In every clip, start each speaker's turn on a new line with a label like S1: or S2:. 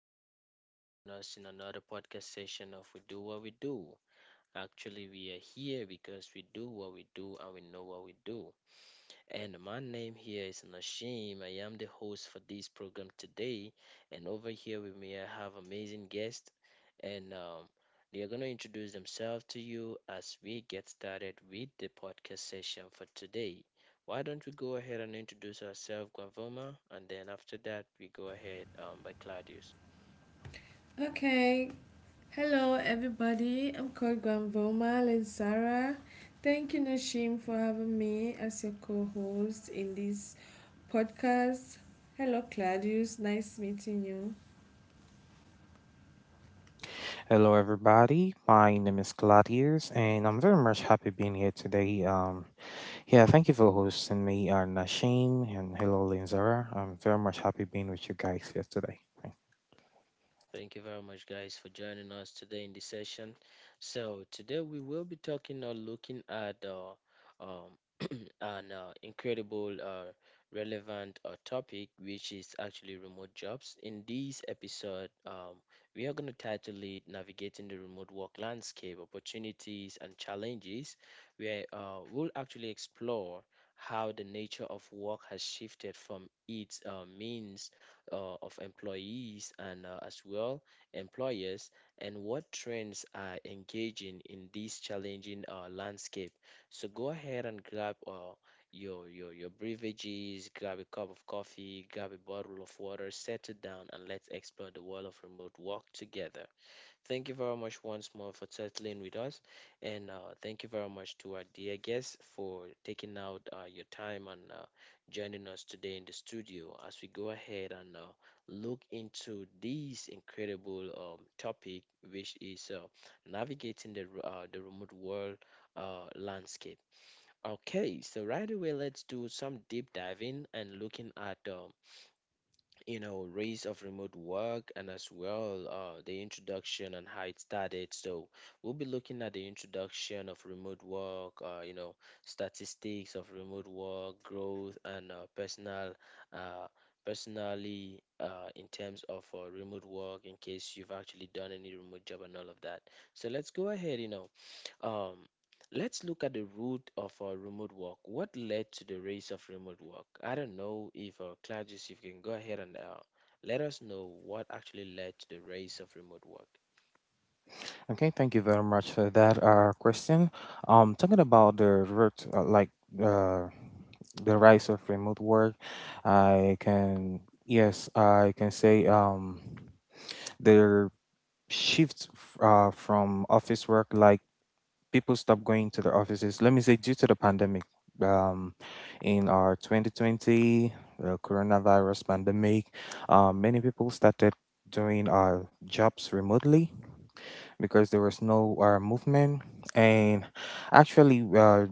S1: Thank you very much for joining us in another podcast session of We Do What We Do. Actually, we are here because we do what we do and we know what we do. And my name here is Nashim. I am the host for this program today. And over here with me, I have amazing guests, and they are going to introduce themselves to you as we get started with the podcast session for today. Why don't we go ahead and introduce ourselves, Guavoma, and then after that, we go ahead by Claudius.
S2: Okay, hello everybody. I'm called Granvoma Sarah. Thank you, Nashim, for having me as your co host in this podcast. Hello, Claudius. Nice meeting you.
S3: Hello, everybody. My name is Claudius, and I'm very much happy being here today. Yeah, thank you for hosting me, Nashim, and hello, Linzara. I'm very much happy being with you guys here today.
S1: Thank you very much, guys, for joining us today in the session. So today we will be talking or looking at um, an incredible, relevant topic, which is actually remote jobs. In this episode, we are going to title it "Navigating the Remote Work Landscape: Opportunities and Challenges," where we'll actually explore how the nature of work has shifted from its means of employees and as well employers, and what trends are engaging in this challenging landscape. So go ahead and grab your beverages, grab a cup of coffee, grab a bottle of water, settle down and let's explore the world of remote work together. Thank you very much once more for settling with us. And thank you very much to our dear guests for taking out your time and joining us today in the studio as we go ahead and look into this incredible topic, which is navigating the remote world landscape. Okay, so right away, let's do some deep diving and looking at rise of remote work, and as well the introduction and how it started. So we'll be looking at the introduction of remote work, statistics of remote work growth, and uh, personally in terms of remote work, in case you've actually done any remote job and all of that. So let's go ahead. Um, let's look at the root of remote work. What led to the rise of remote work? I don't know if Claudius, if you can go ahead and let us know what actually led to the rise of remote work.
S3: Okay, thank you very much for that question. Talking about the root, like uh, the rise of remote work, I can yes, I can say, the shift from office work, like people stopped going to the offices. Let me say, due to the pandemic, um, in our 2020, the coronavirus pandemic, many people started doing our jobs remotely because there was no movement. And actually,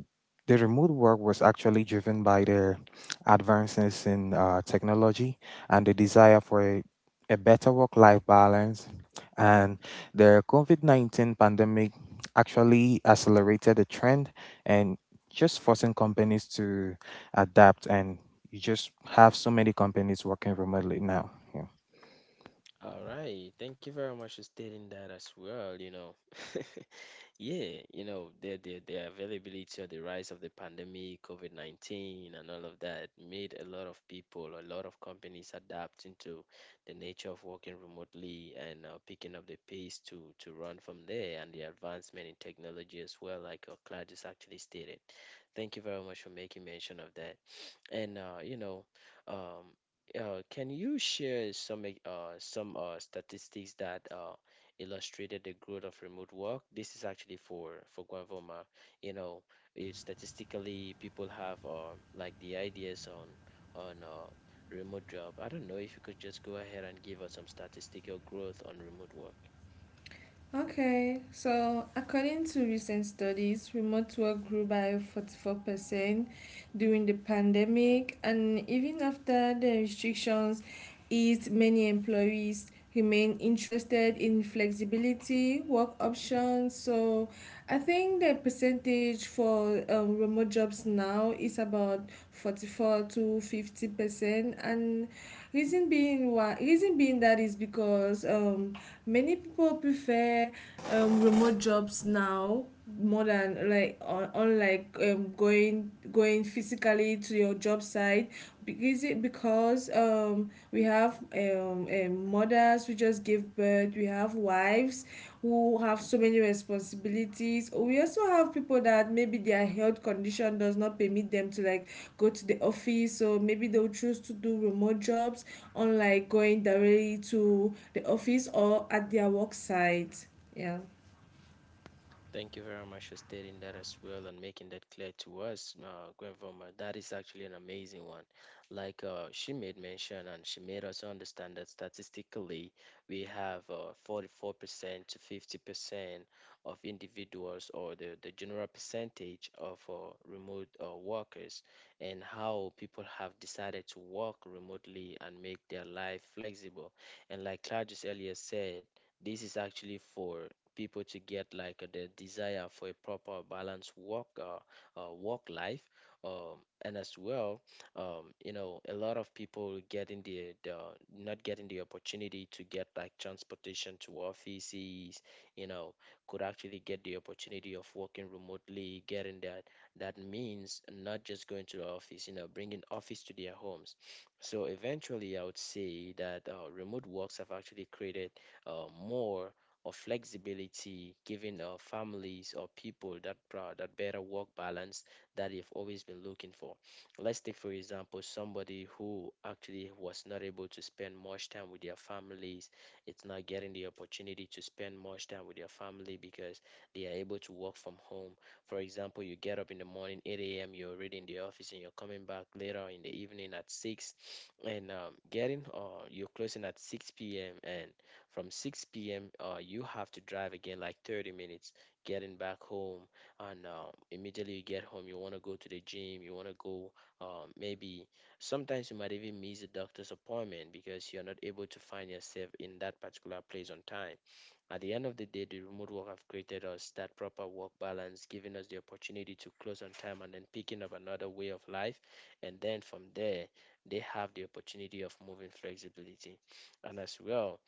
S3: the remote work was actually driven by the advances in technology and the desire for a better work life balance. And the COVID 19 pandemic actually accelerated the trend and just forcing companies to adapt. And you just have so many companies working remotely now. Yeah.
S1: All right, thank you very much for stating that as well, you know. Yeah, you know, the availability or the rise of the pandemic, COVID-19 and all of that made a lot of people, a lot of companies adapting to the nature of working remotely, and picking up the pace to run from there, and the advancement in technology as well, like Claudius actually stated. Thank you very much for making mention of that. And um, can you share some statistics that illustrated the growth of remote work? This is actually for Guavoma. You know, it, statistically, people have like the ideas on on uh, remote job. I don't know if you could just go ahead and give us some statistical growth on remote work.
S2: Okay, so according to recent studies, remote work grew by 44% during the pandemic, and even after the restrictions eased, many employees remain interested in flexibility, work options. So I think the percentage for remote jobs now is about 44 to 50%, and reason being that is because many people prefer remote jobs now more than like unlike going physically to your job site. Is it because we have mothers who just give birth. We have wives who have so many responsibilities. We also have people that maybe their health condition does not permit them to like go to the office. So maybe they'll choose to do remote jobs, unlike going directly to the office or at their work site. Yeah.
S1: Thank you very much for stating that as well and making that clear to us, Grandmama. That is actually an amazing one. Like she made mention and she made us understand that statistically we have 44% to 50% of individuals, or the general percentage of remote workers, and how people have decided to work remotely and make their life flexible. And like Claudius earlier said, this is actually for people to get like the desire for a proper balanced work life, and as well a lot of people getting the not getting the opportunity to get like transportation to offices, you know, could actually get the opportunity of working remotely, getting that. That means not just going to the office, you know, bringing office to their homes. So eventually I would say that remote works have actually created more or flexibility, given families or people that that better work balance that they've always been looking for. Let's take for example somebody who actually was not able to spend much time with their families. It's not getting the opportunity to spend much time with their family because they are able to work from home. For example, you get up in the morning 8 a.m. You're already in the office and you're coming back later in the evening at 6, and getting or you're closing at 6 p.m. And from 6 p.m. You have to drive again like 30 minutes getting back home, and immediately you get home, you want to go to the gym, you want to go maybe. Sometimes you might even miss a doctor's appointment because you're not able to find yourself in that particular place on time. At the end of the day, the remote work have created us that proper work balance, giving us the opportunity to close on time and then picking up another way of life. And then from there, they have the opportunity of moving flexibility. And as well,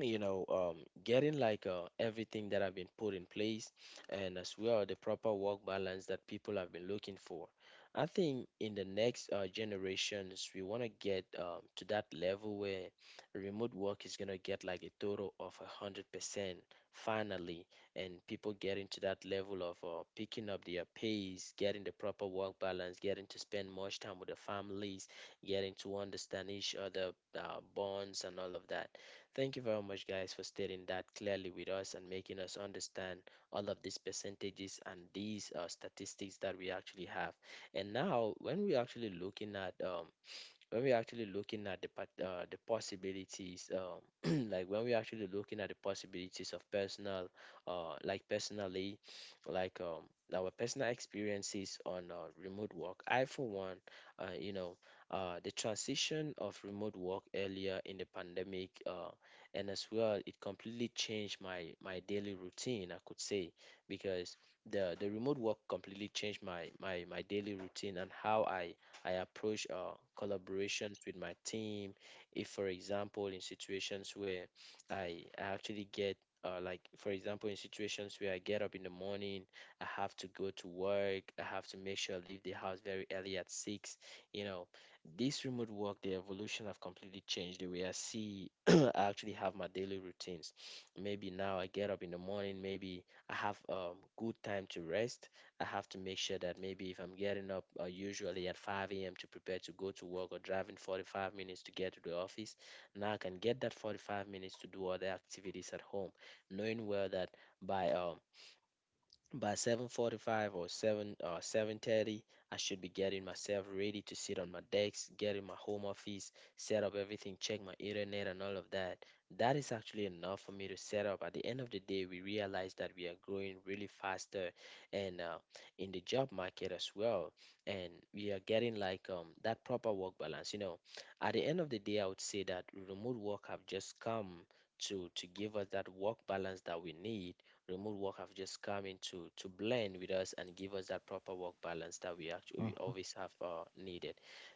S1: you know, um, getting like everything that have been put in place, and as well the proper work balance that people have been looking for. I think in the next generations, we want to get to that level where remote work is going to get like a total of a 100% finally, and people getting to that level of picking up their pace, getting the proper work balance, getting to spend much time with the families, getting to understand each other, bonds, and all of that. Thank you very much, guys, for stating that clearly with us and making us understand all of these percentages and these statistics that we actually have. And now, when we're actually looking at the possibilities, like when we're actually looking at the possibilities of personal, like personally, like um, our personal experiences on remote work. I, for one, uh, you know, the transition of remote work earlier in the pandemic, and as well, it completely changed my daily routine. I could say because the remote work completely changed my daily routine and how I approach collaborations with my team. If, for example, in situations where I actually get like. For example, in situations where I get up in the morning, I have to go to work, I have to make sure I leave the house very early at six, you know, this remote work, the evolution have completely changed the way I see. I actually have my daily routines. Maybe now I get up in the morning, maybe I have good time to rest. I have to make sure that maybe if I'm getting up usually at 5 a.m. to prepare to go to work, or driving 45 minutes to get to the office, now I can get that 45 minutes to do other activities at home, knowing well that by uh, by 7:45 or 7 or 7:30 I should be getting myself ready to sit on my desk, get in my home office, set up everything, check my internet and all of that. That is actually enough for me to set up. At the end of the day, we realize that we are growing really faster, and in the job market as well. And we are getting like that proper work balance. You know, at the end of the day, I would say that remote work have just come to give us that work balance that we need. Remote work have just come in to blend with us and give us that proper work balance that we actually we always have needed.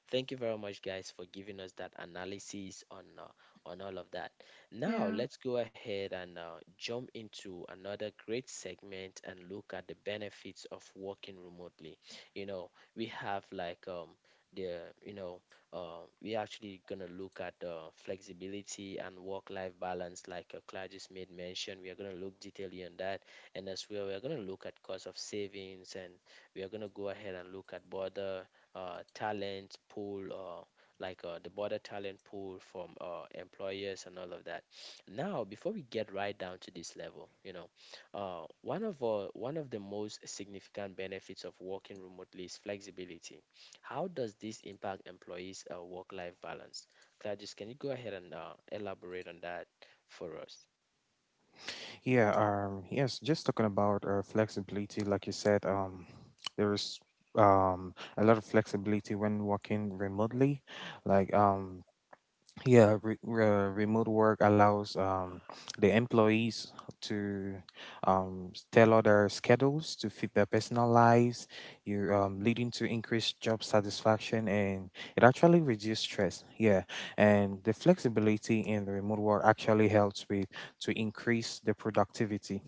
S1: Thank you very much, guys, for giving us that analysis on all of that. Now
S2: Yeah,
S1: let's go ahead and jump into another great segment and look at the benefits of working remotely. You know, we have like the you know we're actually going to look at flexibility and work-life balance, like Claire just made mention. We are going to look detailedly on that, and as well, we are going to look at cost of savings, and we are going to go ahead and look at border talent pool, like the border talent pool from employers and all of that. Now, before we get right down to this level, one of the most significant benefits of working remotely is flexibility. How does this impact employees' work-life balance? Gladys, can you go ahead and elaborate on that for us?
S3: Yeah, yes, just talking about flexibility, like you said, there is a lot of flexibility when working remotely. Like, yeah, remote work allows, the employees to tailor their schedules to fit their personal lives, you leading to increased job satisfaction, and it actually reduces stress. Yeah, and the flexibility in the remote work actually helps with to increase the productivity,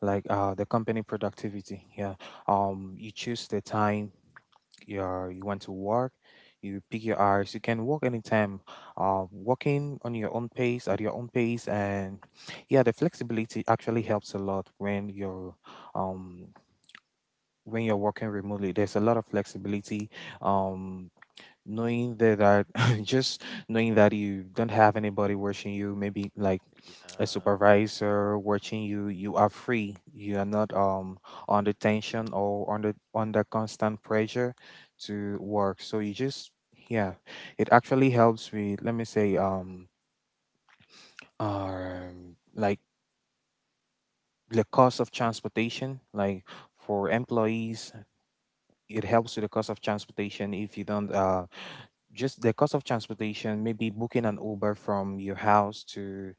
S3: like the company productivity. Yeah, you choose the time you want to work, you pick your hours. You can walk anytime. Walking on your own pace at your own pace, and yeah, the flexibility actually helps a lot um when you're working remotely. There's a lot of flexibility. Um, knowing that I just knowing that you don't have anybody watching you, maybe like a
S1: Yeah.
S3: supervisor watching you, you are free. You are not under tension or under constant pressure to work. So, you just yeah, it actually helps with, let me say, like, the cost of transportation. Like, for employees, it helps with the cost of transportation. If you don't uh just the cost of transportation, maybe booking an Uber from your house to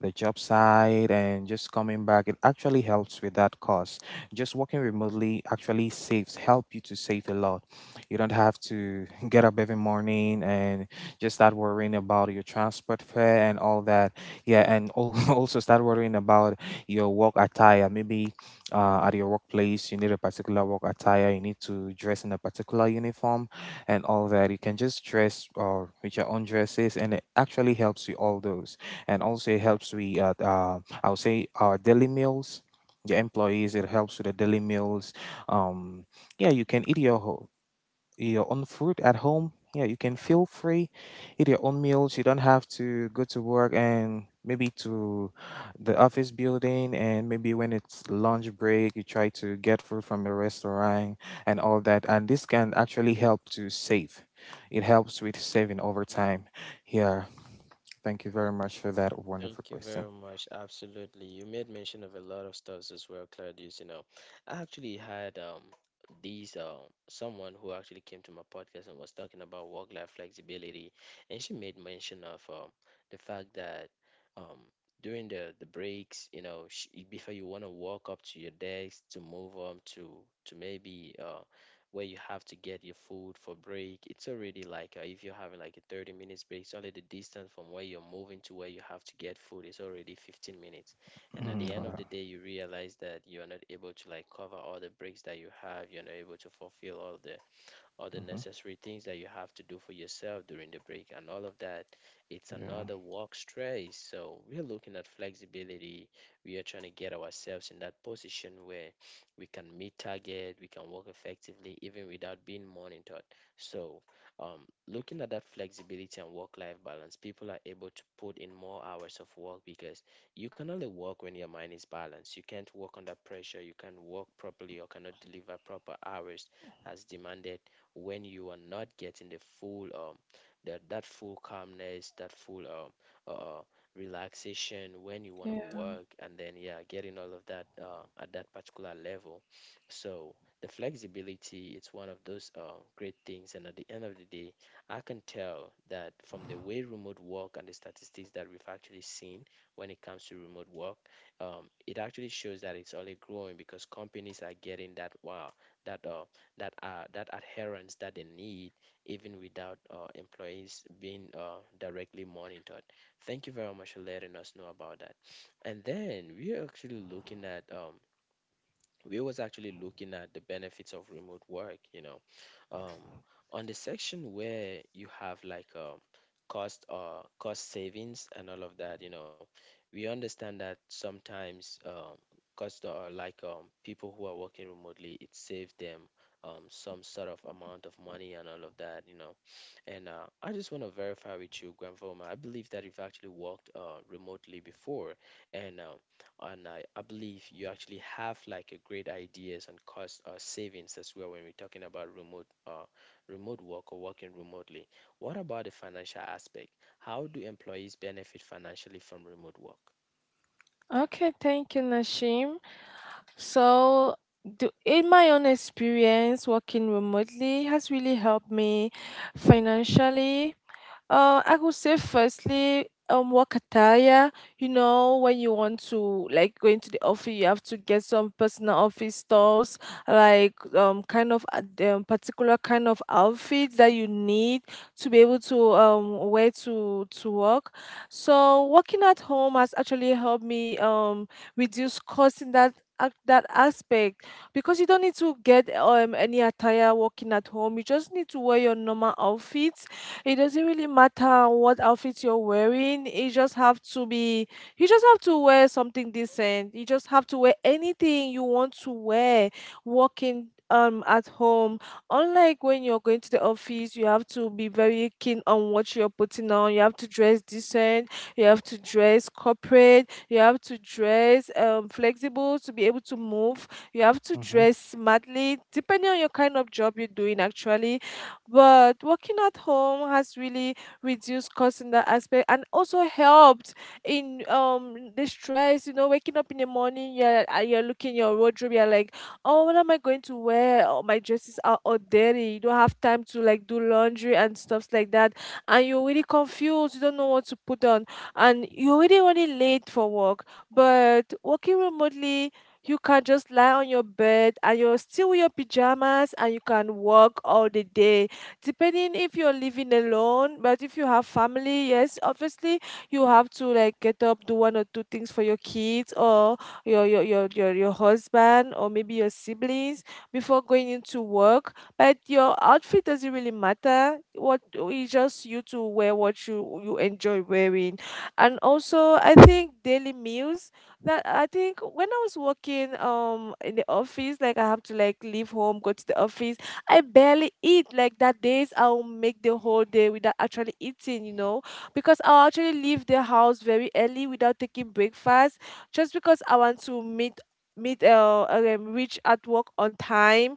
S3: the job site and just coming back, it actually helps with that cost. Just working remotely actually saves, help you to save a lot. You don't have to get up every morning and just start worrying about your transport fare and all that. Yeah, and also start worrying about your work attire. Maybe, at your workplace, you need a particular work attire. You need to dress in a particular uniform and all that. You can just dress or with your own dresses, and it actually helps with all those. And also, it helps with, I would say, our daily meals. The employees, it helps with the daily meals. Um, yeah, you can eat your own food at home. Yeah, you can feel free, eat your own meals. You don't have to go to work and maybe to the office building. And maybe when it's lunch break, you try to get food from the restaurant and all that. And this can actually help to save. It helps with saving over time. Yeah, thank you very much for that
S1: Thank
S3: wonderful
S1: you
S3: question.
S1: very much. Absolutely. You made mention of a lot of stuff as well, Claudius. You know, I actually had these someone who actually came to my podcast and was talking about work-life flexibility, and she made mention of the fact that um during the breaks, you know, sh before you want to walk up to your desk to move on to maybe where you have to get your food for break. It's already like if you're having like a 30 minutes break, it's only the distance from where you're moving to where you have to get food is already 15 minutes. And at
S3: Mhm.
S1: the end of the day, you realize that you are not able to like cover all the breaks that you have. You're not able to fulfill all the
S3: Mhm.
S1: necessary things that you have to do for yourself during the break and all of that. It's
S3: Yeah.
S1: another work stress. So we're looking at flexibility. We are trying to get ourselves in that position where we can meet target, we can work effectively even without being monitored. So looking at that flexibility and work-life balance, people are able to put in more hours of work because you can only work when your mind is balanced. You can't work under pressure. You can't work properly or cannot deliver proper hours as demanded when you are not getting the full that that full calmness, that full uh uh, relaxation when you want to
S2: yeah.
S1: work and then yeah, getting all of that at that particular level. So the flexibility, it's one of those great things. And at the end of the day, I can tell that from the way remote work and the statistics that we've actually seen when it comes to remote work, it actually shows that it's only growing because companies are getting that wow, that uh, that adherence that they need, even without employees being directly monitored. Thank you very much for letting us know about that. And then we are actually looking at we was actually looking at the benefits of remote work. You know, um, on the section where you have like cost savings and all of that, you know, we understand that sometimes cost or like people who are working remotely, it saves them some sort of amount of money and all of that, you know. And I just want to verify with you, Granvoma. I believe that you've actually worked remotely before, and I believe you actually have like a great ideas and cost savings as well when we're talking about remote work or working remotely. What about the financial aspect? How do employees benefit financially from remote work?
S2: Okay, thank you, Nashim. So, in my own experience, working remotely has really helped me financially. I would say firstly, work attire. You know, when you want to like go into the office, you have to get some personal office stuffs, like kind of particular kind of outfit that you need to be able to wear to work. So working at home has actually helped me reduce costs in that aspect, because you don't need to get any attire working at home. You just need to wear your normal outfit. It doesn't really matter what outfit you're wearing. You just you just have to wear something decent. You just have to wear anything you want to wear walking at home. Unlike when you're going to the office, you have to be very keen on what you're putting on. You have to dress decent. You have to dress corporate. You have to dress flexible to be able to move. You have to
S3: Mm-hmm.
S2: dress smartly, depending on your kind of job you're doing actually. But working at home has really reduced costs in that aspect, and also helped in the stress, you know, waking up in the morning, you're looking your wardrobe, you're like, oh, what am I going to wear? Oh, my dresses are all dirty. You don't have time to like do laundry and stuffs like that. And you're really confused. You don't know what to put on. And you're already running late for work. But working remotely, you can just lie on your bed and you're still with your pajamas, and you can work all the day, depending if you're living alone. But if you have family, yes, obviously you have to like get up, do one or two things for your kids or your husband or maybe your siblings before going into work. But your outfit doesn't really matter. What it's just you to wear what you enjoy wearing. And also, I think daily meals, that I think when I was working in the office, like I have to like leave home, go to the office. I barely eat. Like that days, I'll make the whole day without actually eating, you know, because I'll actually leave the house very early without taking breakfast just because I want to meet meet reach at work on time.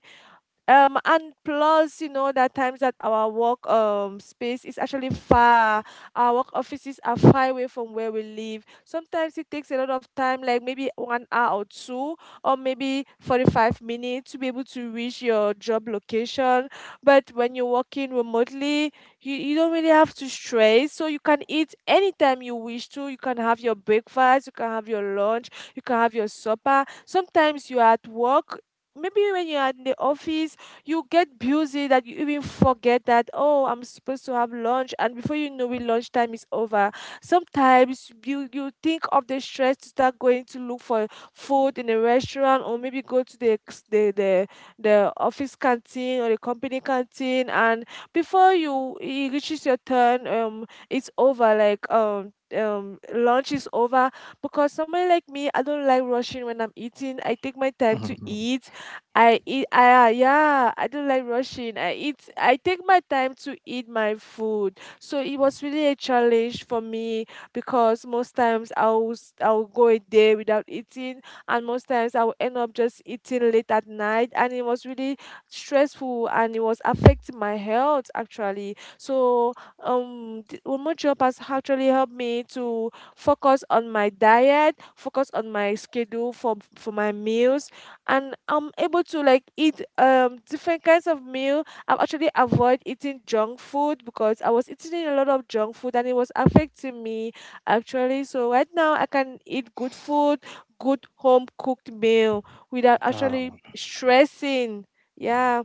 S2: And plus, you know, that times that our work space is actually far. Our work offices are far away from where we live. Sometimes it takes a lot of time, like maybe 1 hour or two, or maybe 45 minutes to be able to reach your job location. But when you're working remotely, you don't really have to stress. So you can eat anytime you wish to. You can have your breakfast, you can have your lunch, you can have your supper. Sometimes you're at work, maybe when you're in the office, you get busy that you even forget that oh, I'm supposed to have lunch, and before you know it, lunchtime is over. Sometimes you think of the stress to start going to look for food in a restaurant, or maybe go to the office canteen or the company canteen, and before you it reaches your turn, it's over. Like lunch is over, because somebody like me, I don't like rushing when I'm eating. I take my time to eat. I eat I yeah, I don't like rushing. I take my time to eat my food. So it was really a challenge for me, because most times I'll go a day without eating, and most times I'll end up just eating late at night, and it was really stressful, and it was affecting my health actually. So remote job has actually helped me to focus on my diet, focus on my schedule for my meals, and I'm able to like eat different kinds of meal. I've actually avoid eating junk food because I was eating a lot of junk food, and it was affecting me actually. So right now I can eat good food, good home cooked meal without
S3: Mm-hmm.
S2: actually
S3: Ah.
S2: stressing. Yeah,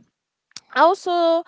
S2: also,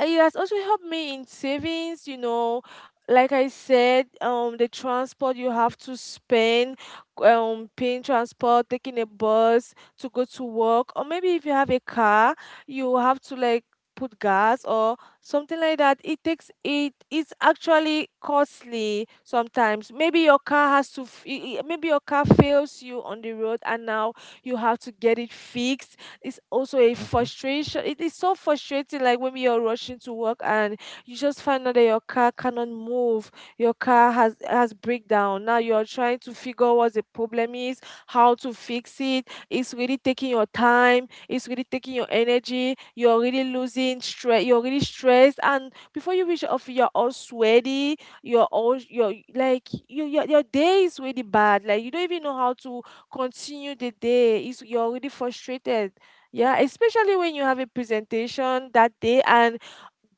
S2: it has also helped me in savings, you know. Like I said, the transport, you have to spend paying transport, taking a bus to go to work, or maybe if you have a car, you have to like put gas or something like that. It takes it's actually costly. Sometimes maybe your car has to f- I- maybe your car fails you on the road, and now you have to get it fixed. It's also a
S3: Mm-hmm.
S2: frustration. It is so frustrating, like when you're rushing to work and you just find out that your car cannot move, your car has breakdown. Now you're trying to figure out what the problem is, how to fix it. It's really taking your time. It's really taking your energy. You're really losing stress. You're really stressed, and before you reach off, you're all sweaty. You're all you're like you your day is really bad. Like you don't even know how to continue the day. You're already frustrated. Yeah, especially when you have a presentation that day and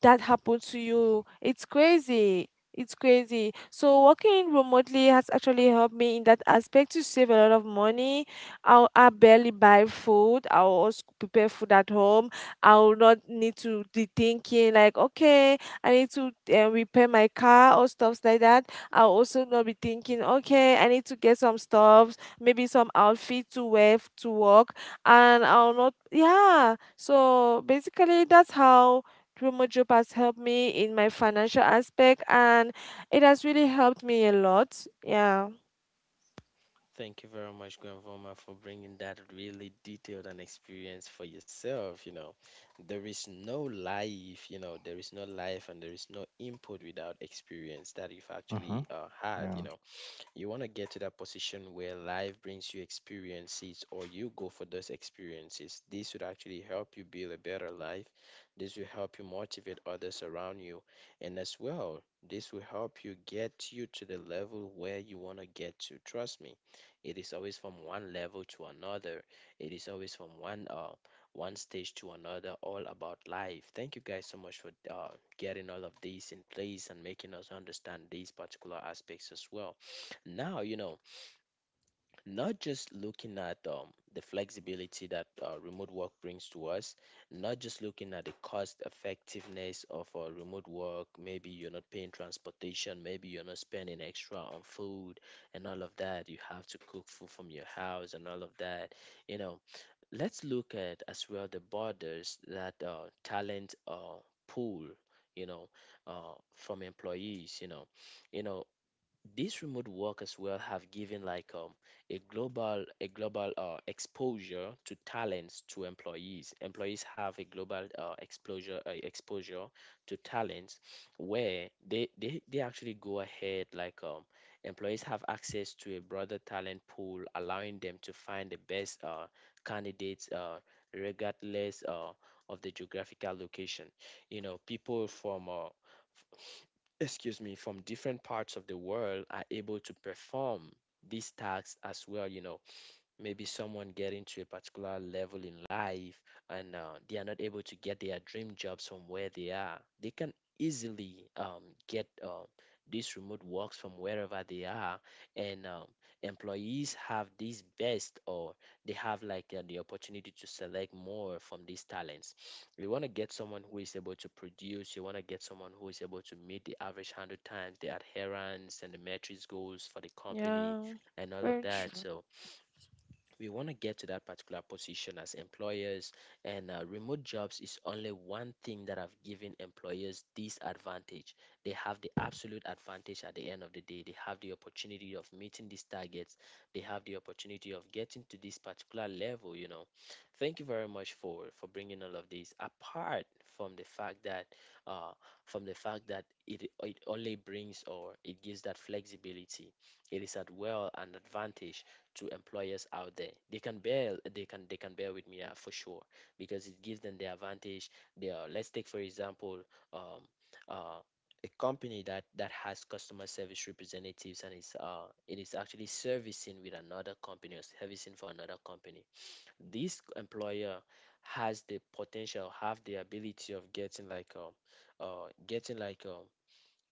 S2: that happened to you. It's crazy. It's crazy. So working remotely has actually helped me in that aspect to save a lot of money. I barely buy food. I'll also prepare food at home. I will not need to be thinking like, okay, I need to repair my car or stuffs like that. I'll also not be thinking, okay, I need to get some stuffs, maybe some outfit to wear to work, and I'll not, yeah. So basically, that's how remote job has helped me in my financial aspect, and it has really helped me a lot. Yeah.
S1: Thank you very much, Grandvoma, for bringing that really detailed and experience for yourself. You know, there is no life, you know, there is no life and there is no input without experience that you've
S3: Mm-hmm.
S1: actually had, you
S3: Yeah.
S1: know. You want to get to that position where life brings you experiences or you go for those experiences. This would actually help you build a better life. This will help you motivate others around you. And as well, this will help you get you to the level where you want to get to. Trust me, it is always from one level to another. It is always from one stage to another, all about life. Thank you guys so much for getting all of these in place and making us understand these particular aspects as well. Now, you know, not just looking at the flexibility that remote work brings to us, not just looking at the cost effectiveness of remote work, maybe you're not paying transportation, maybe you're not spending extra on food and all of that, you have to cook food from your house and all of that, you know, let's look at as well the borders, that talent pool, you know, from employees, you know, you know, these remote work as well have given like a global exposure to talents, to employees. Employees have a global exposure to talents, where they actually go ahead like employees have access to a broader talent pool, allowing them to find the best candidates regardless of the geographical location. You know, people from excuse me, from different parts of the world are able to perform these tasks as well, you know, maybe someone getting to a particular level in life, and they are not able to get their dream jobs from where they are, they can easily get these remote works from wherever they are. And employees have these best, or they have like the opportunity to select more from these talents. You want to get someone who is able to produce, you want to get someone who is able to meet the average 100 times the adherence and the metrics goals for the company
S2: Yeah.
S1: and all of
S2: Very
S1: that.
S2: true.
S1: So we want to get to that particular position as employers, and remote jobs is only one thing that have given employers this advantage. They have the absolute advantage. At the end of the day, they have the opportunity of meeting these targets, they have the opportunity of getting to this particular level, you know. Thank you very much for bringing all of this, apart from uh the fact that it only brings or it gives that flexibility. It is at well an advantage to employers out there. They can bear, they can bear with me for sure, because it gives them the advantage. They are Let's take for example, um uh a company that has customer service representatives and is it is actually servicing with another company or servicing for another company. This employer has the potential, have the ability of getting like um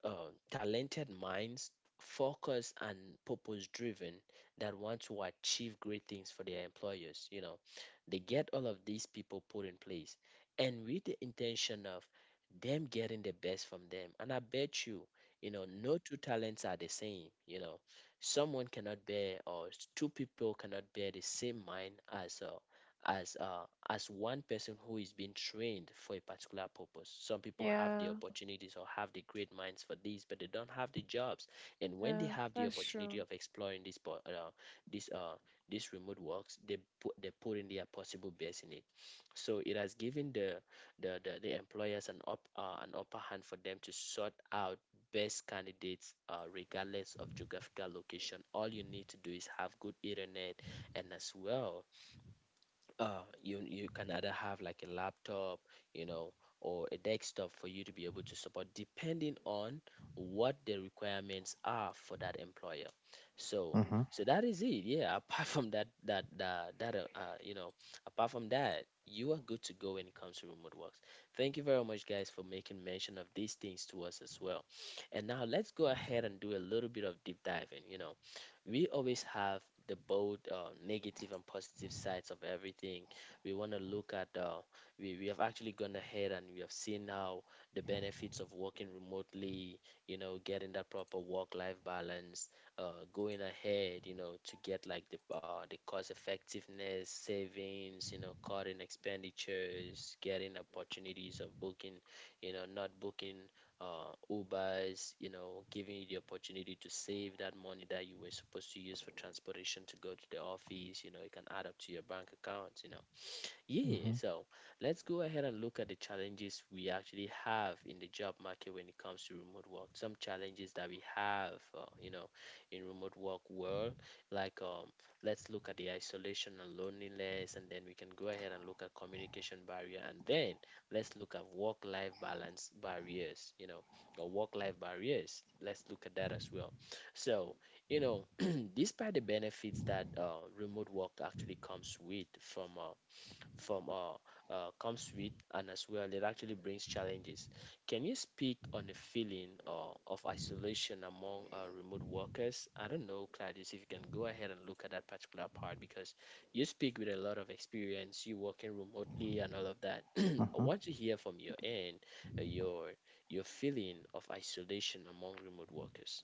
S1: uh, talented minds, focused and purpose driven, that want to achieve great things for their employers. You know, they get all of these people put in place, and with the intention of them getting the best from them. And I bet you, you know, no two talents are the same. You know, someone cannot bear or two people cannot bear the same mind as as one person who is being trained for a particular purpose. Some people have the
S2: Yeah.
S1: opportunities or have the great minds for this, but they don't have the jobs. And when they
S2: Yeah.
S1: have the
S2: That's
S1: opportunity
S2: true.
S1: of exploring this po- this this remote works, they put in their possible best in it. So it has given the employers an upper hand for them to sort out best candidates regardless of geographical location. All you need to do is have good internet, and as well, you can either have like a laptop, you know, or a desktop for you to be able to support, depending on what the requirements are for that employer. So
S3: Mm-hmm.
S1: that is it. Yeah. Apart from that that that that you know, apart from that, you are good to go when it comes to remote works. Thank you very much, guys, for making mention of these things to us as well. And now let's go ahead and do a little bit of deep diving. You know, we always have the both negative and positive sides of everything. We want to look at, we have actually gone ahead and we have seen how the benefits of working remotely, you know, getting that proper work life balance, going ahead, you know, to get like the cost effectiveness, savings, you know, cutting expenditures, getting opportunities of booking, you know, not booking Ubers, you know, giving you the opportunity to save that money that you were supposed to use for transportation to go to the office. You know, it can add up to your bank account, you know.
S3: Mm-hmm.
S1: Yeah, so let's go ahead and look at the challenges we actually have in the job market when it comes to remote work. Some challenges that we have, you know, in remote work world, like let's look at the isolation and loneliness, and then we can go ahead and look at communication barrier, and then let's look at work-life balance barriers, you know, or work-life barriers. Let's look at that as well. So, you know, despite the benefits that remote work actually comes with from comes with, and as well, it actually brings challenges. Can you speak on the feeling of isolation among remote workers? I don't know, Claudius, if you can go ahead and look at that particular part because you speak with a lot of experience, you working remotely and all of that. I
S3: Mm-hmm.
S1: want to hear from your end uh, your your feeling of isolation among remote workers.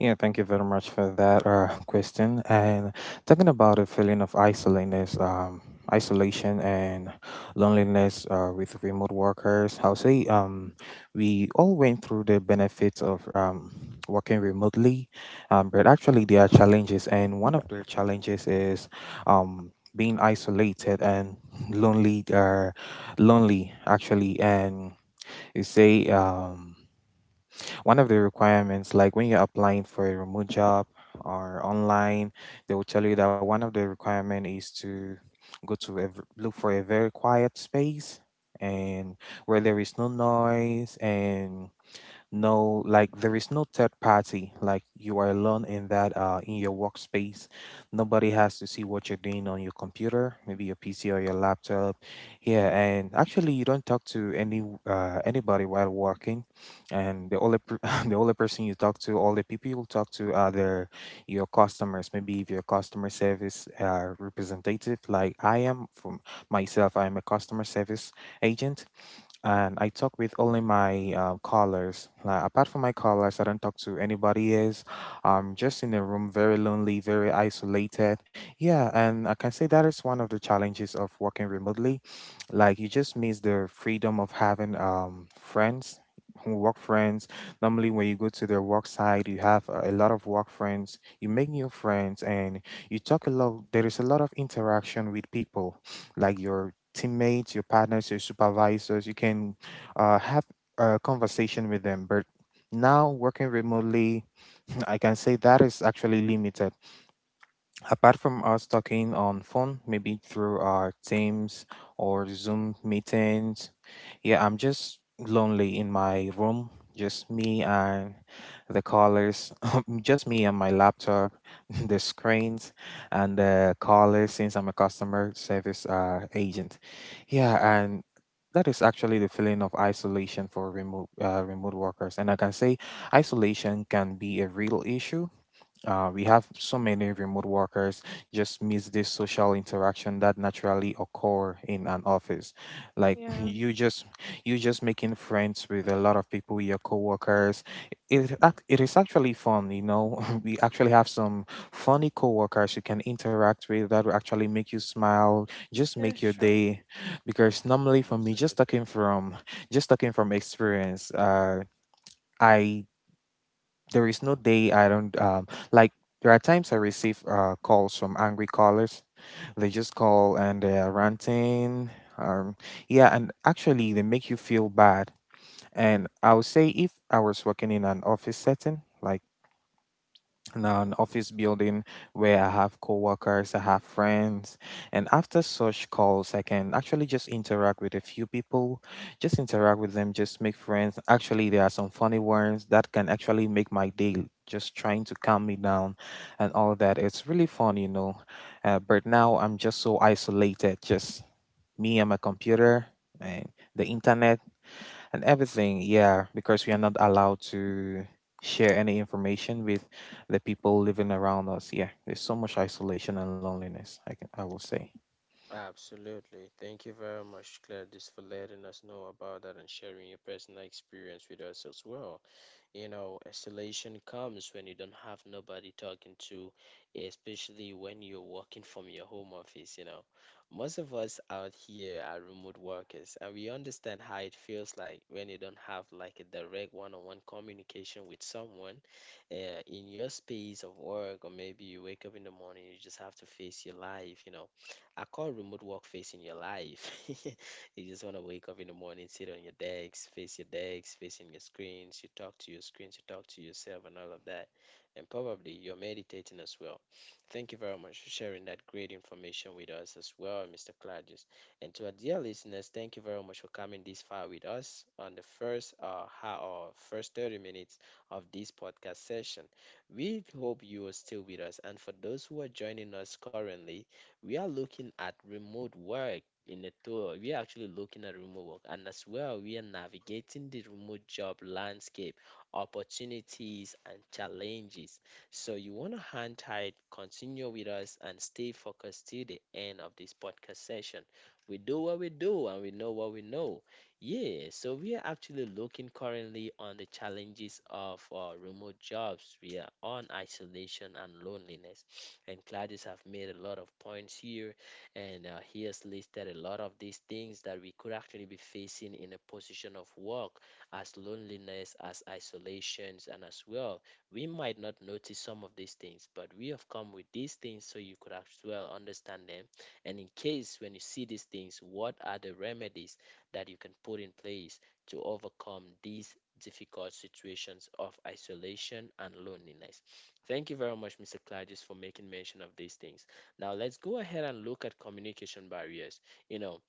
S3: Yeah, thank you very much for that question. And, talking about a feeling of isolateness, isolation and loneliness with remote workers, I'll say, we all went through the benefits of working remotely, but actually there are challenges, and one of the challenges is being isolated and lonely. Lonely, actually, and you say. One of the requirements, like when you're applying for a remote job or online, they will tell you that one of the requirement is to go to look for a very quiet space and where there is no noise and no like there is no third party, like you are alone in that in your workspace. Nobody has to see what you're doing on your computer, maybe your PC or your laptop. Yeah, and actually, you don't talk to anybody while working. And the only person you talk to all the people you talk to are their your customers, maybe if you're a customer service representative, like I am. From myself, I'm a customer service agent, and I talk with only my callers. Like, apart from my callers, I don't talk to anybody else. I'm just in a room, very lonely, very isolated. Yeah, and I can say that is one of the challenges of working remotely. Like, you just miss the freedom of having friends. Who, work friends. Normally, when you go to their work site, you have a lot of work friends, you make new friends, and you talk a lot. There is a lot of interaction with people, like your teammates, your partners, your supervisors. You can, have a conversation with them. But now, working remotely, I can say that is actually limited, apart from us talking on phone, maybe through our Teams or Zoom meetings. Yeah, I'm just lonely in my room, just me and the callers, just me and my laptop, the screens, and the callers, since I'm a customer service agent. Yeah, and that is actually the feeling of isolation for remote workers, and I can say isolation can be a real issue. We have so many remote workers just miss this social interaction that naturally occur in an office. Like,
S2: Yeah.
S3: you just making friends with a lot of people, your coworkers. It
S1: Mhm.
S3: ac- it is actually fun. We actually have some funny coworkers you can interact with that will actually make you smile, just make
S2: That's
S3: your
S2: true.
S3: day. Because normally for me,
S1: Absolutely.
S3: just talking from experience, I there is no day I don't like. There are times I receive calls from angry callers. They just call and they're ranting. Um, yeah, and actually they make you feel bad. And I would say, if I was working in an office setting, like now an office building where I have coworkers, I have friends, and after such calls, I can actually just interact with a few people, just interact with them, just make friends. Actually, there are some funny ones that can actually make my day, just trying to calm me down and all that. It's really fun. But now I'm just so isolated, just me and my computer and the internet and everything. Yeah, because we are not allowed to share any information with the people living around us. Yeah, there's so much isolation and loneliness, I will say.
S1: Absolutely. Thank you very much, Gladys, for letting us know about that and sharing your personal experience with us as well. You know, isolation comes when you don't have nobody talking to, especially when you're working from your home office, you know. Most of us out here are remote workers, and we understand how it feels like when you don't have like a direct one-on-one communication with someone uh, in your space of work, or maybe you wake up in the morning, you just have to face your life, you know. I call remote work facing your life. You just want to wake up in the morning, sit on your decks, face your decks, facing your screens. You talk to your screens, you talk to yourself, and all of that. And probably you're meditating as well. Thank you very much for sharing that great information with us as well, Mr. Claudius. And to our dear listeners, thank you very much for coming this far with us on the first ha- or first 30 minutes of this podcast session. We hope you are still with us. And for those who are joining us currently, we are looking at remote work in a tour, we are actually looking at remote work, and as well, we are navigating the remote job landscape, opportunities, and challenges. So, you want to hang tight, continue with us, and stay focused till the end of this podcast session. We do what we do, and we know what we know. Yeah, so we are actually looking currently on the challenges of remote jobs. We are on isolation and loneliness, and Gladys have made a lot of points here and he has listed a lot of these things that we could actually be facing in a position of work as loneliness, as isolations, and as well we might not notice some of these things, but we have come with these things so you could as well understand them. And in case when you see these things, what are the remedies that you can put in place to overcome these difficult situations of isolation and loneliness? Thank you very much, Mr. Claudius, for making mention of these things. Now let's go ahead and look at communication barriers. You know,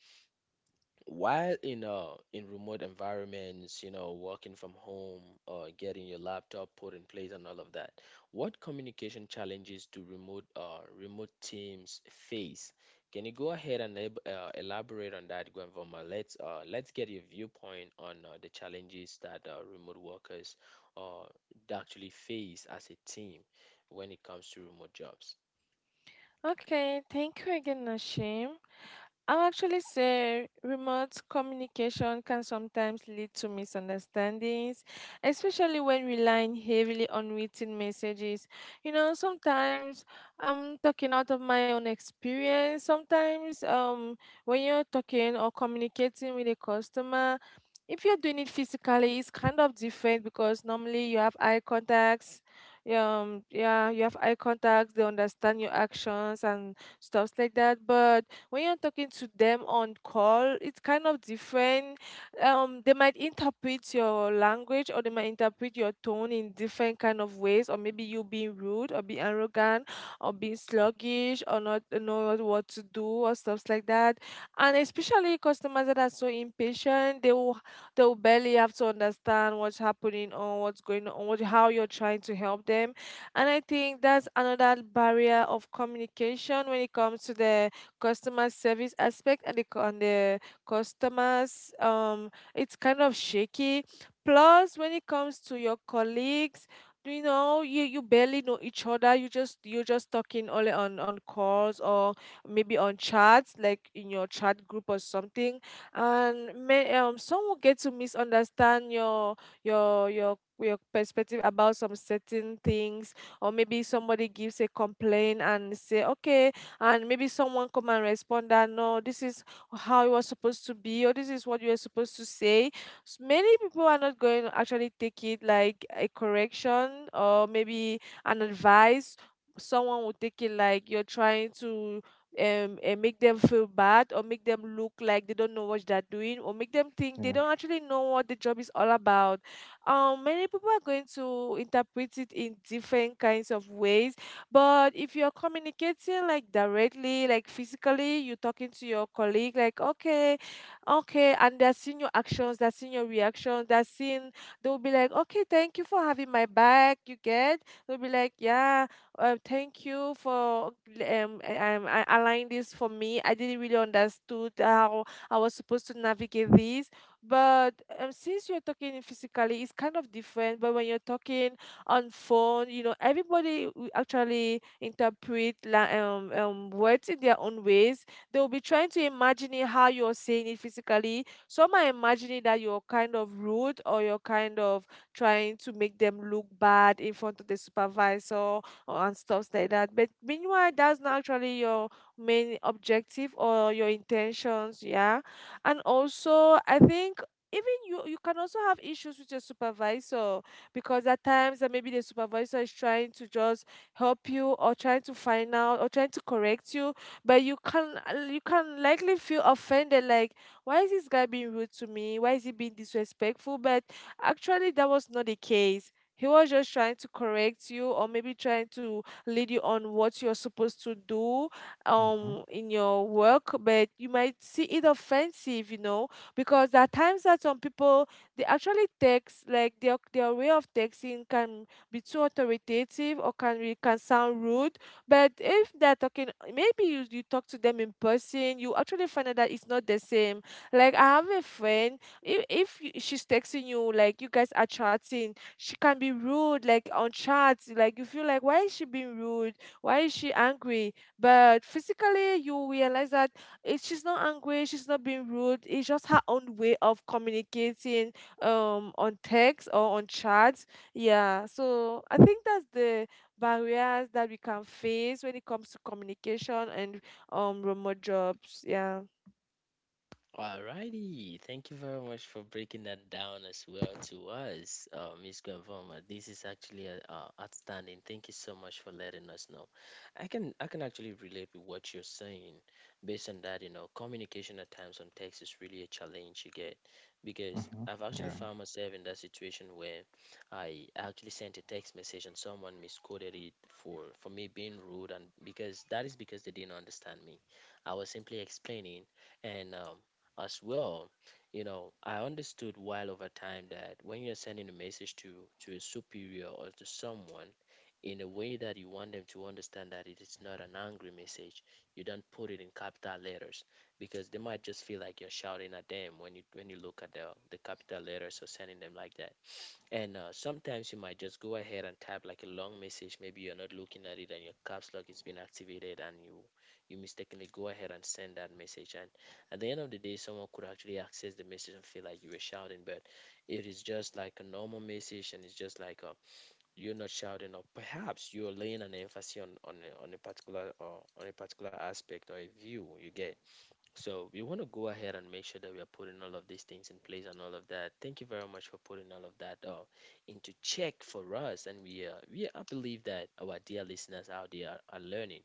S1: while in remote environments, you know, working from home or getting your laptop put in place and all of that, what communication challenges do remote teams face? Can you go ahead and elaborate on that, Gwenvoma? Let's let's get your viewpoint on the challenges that remote workers uh actually face as a team when it comes to remote jobs.
S2: Okay, thank you again, Nashim. I'll actually say remote communication can sometimes lead to misunderstandings, especially when relying heavily on written messages. You know, sometimes I'm talking out of my own experience. Sometimes when you're talking or communicating with a customer, if you're doing it physically, it's kind of different because normally you have eye contacts. Yeah, you have eye contacts. They understand your actions and stuffs like that. But when you're talking to them on call, it's kind of different. They might interpret your language, or they might interpret your tone in different kind of ways, or maybe you being rude or being arrogant or being sluggish or not know what to do or stuffs like that. And especially customers that are so impatient, they'll barely have to understand what's happening or what's going on, what, how you're trying to help them. And I think that's another barrier of communication when it comes to the customer service aspect and on the customers. It's kind of shaky. Plus, when it comes to your colleagues, you barely know each other. You're just talking only on calls or maybe on chats like in your chat group or something. And may some will get to misunderstand your perspective about some certain things, or maybe somebody gives a complaint and say "okay," and maybe someone come and respond that, "No, this is how it was supposed to be," or, "This is what you were supposed to say." Many people are not going to actually take it like a correction or maybe an advice. Someone will take it like you're trying to and make them feel bad, or make them look like they don't know what they're doing, or make them think
S3: Yeah.
S2: they
S3: Know.
S2: don't actually know what the job is all about. Many people are going to interpret it in different kinds of ways. But if you're communicating like directly, like physically, you're talking to your colleague, like, okay, okay, and they're seeing your actions, they're seeing your reactions, they're seeing, they'll be like, "Okay, thank you for having my back, you get?" They'll be like, "Yeah, thank you for aligning this for me. I didn't really understood how I was supposed to navigate this." But since you're talking physically, it's kind of different. But when you're talking on phone, you know, everybody will actually interpret words in their own ways. They will be trying to imagine it how you're saying it physically. Some are imagining that you're kind of rude, or you're kind of trying to make them look bad in front of the supervisor, and stuff like that. But meanwhile, that's not actually your main objective or your intentions, yeah. And also, I think even you can also have issues with your supervisor, because at times that maybe the supervisor is trying to just help you, or trying to find out, or trying to correct you, but you can, you can likely feel offended like, "Why is this guy being rude to me? Why is he being disrespectful?" But actually that was not the case. He was just trying to correct you or maybe trying to lead you on what you're supposed to do
S3: Mm-hmm,
S2: in your work, but you might see it offensive, because there are times that some people, they actually text like their way of texting can be too authoritative, or can be, can sound rude. But if they're talking, maybe you, you talk to them in person, you actually find out that it's not the same. Like I have a friend, if she's texting you, like you guys are chatting, she can be rude like on chats, like you feel like why is she being rude, why is she angry. But physically you realize that it, she's not angry, she's not being rude, it's just her own way of communicating on text or on chats, yeah. So I think that's the barriers that we can face when it comes to communication and remote jobs, yeah.
S1: Alrighty, thank you very much for breaking that down as well to us, Miss Gavoma. This is actually outstanding. Thank you so much for letting us know. I can actually relate with what you're saying. Based on that, you know, communication at times on text is really a challenge you get, because
S3: mm-hmm,
S1: I've actually
S3: yeah,
S1: found myself in that situation where I actually sent a text message and someone misquoted it for me being rude, and because that is because they didn't understand me. I was simply explaining, and as well, you know, I understood while over time that when you're sending a message to a superior or to someone in a way that you want them to understand that it is not an angry message, you don't put it in capital letters, because they might just feel like you're shouting at them when you look at the capital letters or sending them like that. And sometimes you might just go ahead and type like a long message. Maybe you're not looking at it and your caps lock is being activated, and you mistakenly go ahead and send that message. And at the end of the day, someone could actually access the message and feel like you were shouting, but it is just like a normal message, and it's just like you're not shouting, or perhaps you're laying an emphasis on a particular, or on a particular aspect or a view you get. So we want to go ahead and make sure that we are putting all of these things in place and all of that. Thank you very much for putting all of that into check for us. And we I believe that our dear listeners out there are learning.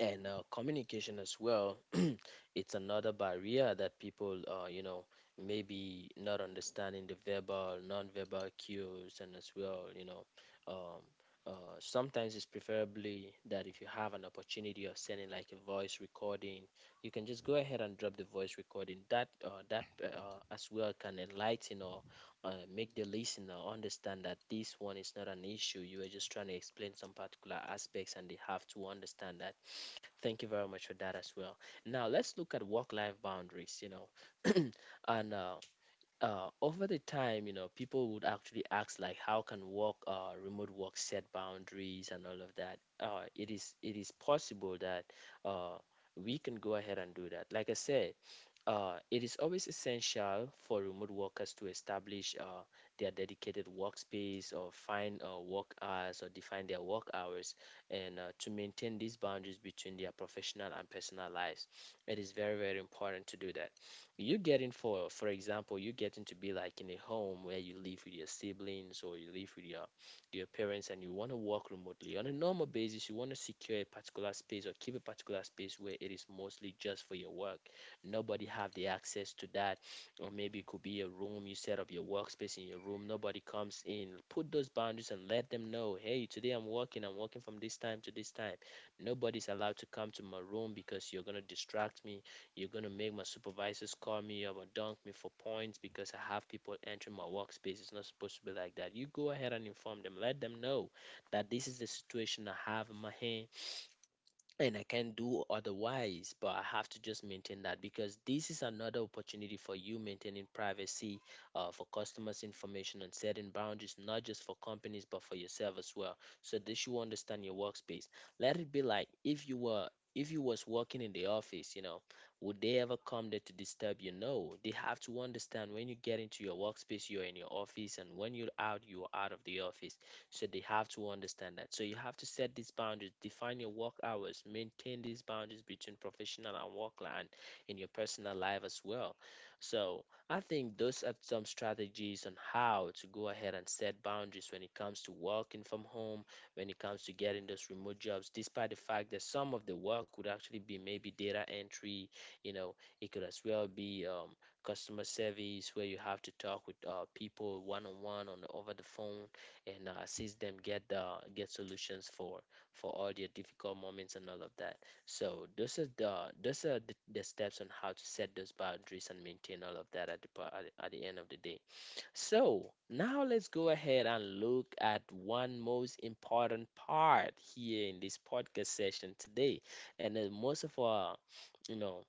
S1: And communication as well, it's another barrier that people you know, maybe not understanding the verbal, non-verbal cues, and as well, you know, um, sometimes it's preferably that if you have an opportunity of sending like a voice recording, you can just go ahead and drop the voice recording that as well can enlighten or make the listener understand that this one is not an issue. You are just trying to explain some particular aspects, and they have to understand that. Thank you very much for that as well. Now let's look at work-life boundaries. You know, and over the time, you know, people would actually ask like, how can work, remote work set boundaries and all of that? It is possible that uh, we can go ahead and do that. Like I said, it is always essential for remote workers to establish their dedicated workspace, or find work hours, or define their work hours, and to maintain these boundaries between their professional and personal lives. It is very, very important to do that. You getting, for example, you getting to be like in a home where you live with your siblings, or you live with your parents, and you want to work remotely. On a normal basis, you want to secure a particular space or keep a particular space where it is mostly just for your work. Nobody have the access to that, or maybe it could be a room you set up your workspace in. Your room, nobody comes in. Put those boundaries and let them know, hey, today I'm working, I'm working from this time to this time, nobody's allowed to come to my room because you're going to distract me, you're going to make my supervisors call me up or dunk me for points because I have people entering my workspace. It's not supposed to be like that. You go ahead and inform them, let them know that this is the situation I have in my hand, and I can't do otherwise, but I have to just maintain that, because this is another opportunity for you maintaining privacy for customers' information and setting boundaries, not just for companies, but for yourself as well. So this, you understand your workspace. Let it be like if you were, if you was working in the office, you know, would they ever come there to disturb you? No. They have to understand when you get into your workspace, you're in your office, and when you're out of the office. So they have to understand that. So you have to set these boundaries, define your work hours, maintain these boundaries between professional and work and in your personal life as well. So I think those are some strategies on how to go ahead and set boundaries when it comes to working from home, when it comes to getting those remote jobs, despite the fact that some of the work would actually be maybe data entry, you know, it could as well be customer service where you have to talk with people one on one on the, over the phone, and assist them get the get solutions for all their difficult moments and all of that. So those are the, those are the steps on how to set those boundaries and maintain all of that at the pa- at the end of the day. So now let's go ahead and look at one most important part here in this podcast session today, and then most of our you know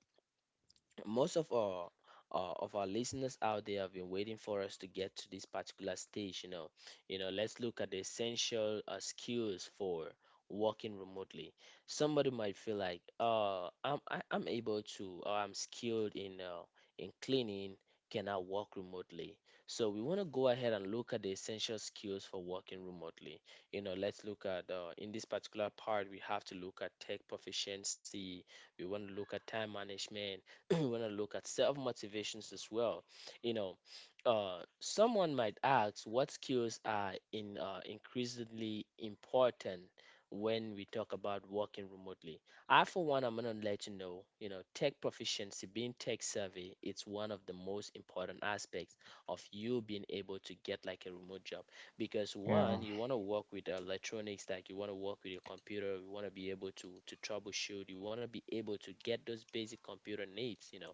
S1: most of our listeners out there have been waiting for us to get to this particular stage. Let's look at the essential skills for working remotely. Somebody might feel like I'm able to or I'm skilled in cleaning. Can I work remotely? So we want to go ahead and look at the essential skills for working remotely. You know, let's look at in this particular part we have to look at tech proficiency. We want to look at time management. When I look at self motivations as well, you know, someone might ask what skills are in increasingly important when we talk about working remotely. I, for one, I'm gonna let you know, tech proficiency, being tech savvy, it's one of the most important aspects of you being able to get like a remote job. Because one,
S3: yeah,
S1: you want to work with electronics, like you want to work with your computer, you want to be able to troubleshoot, you want to be able to get those basic computer needs, you know.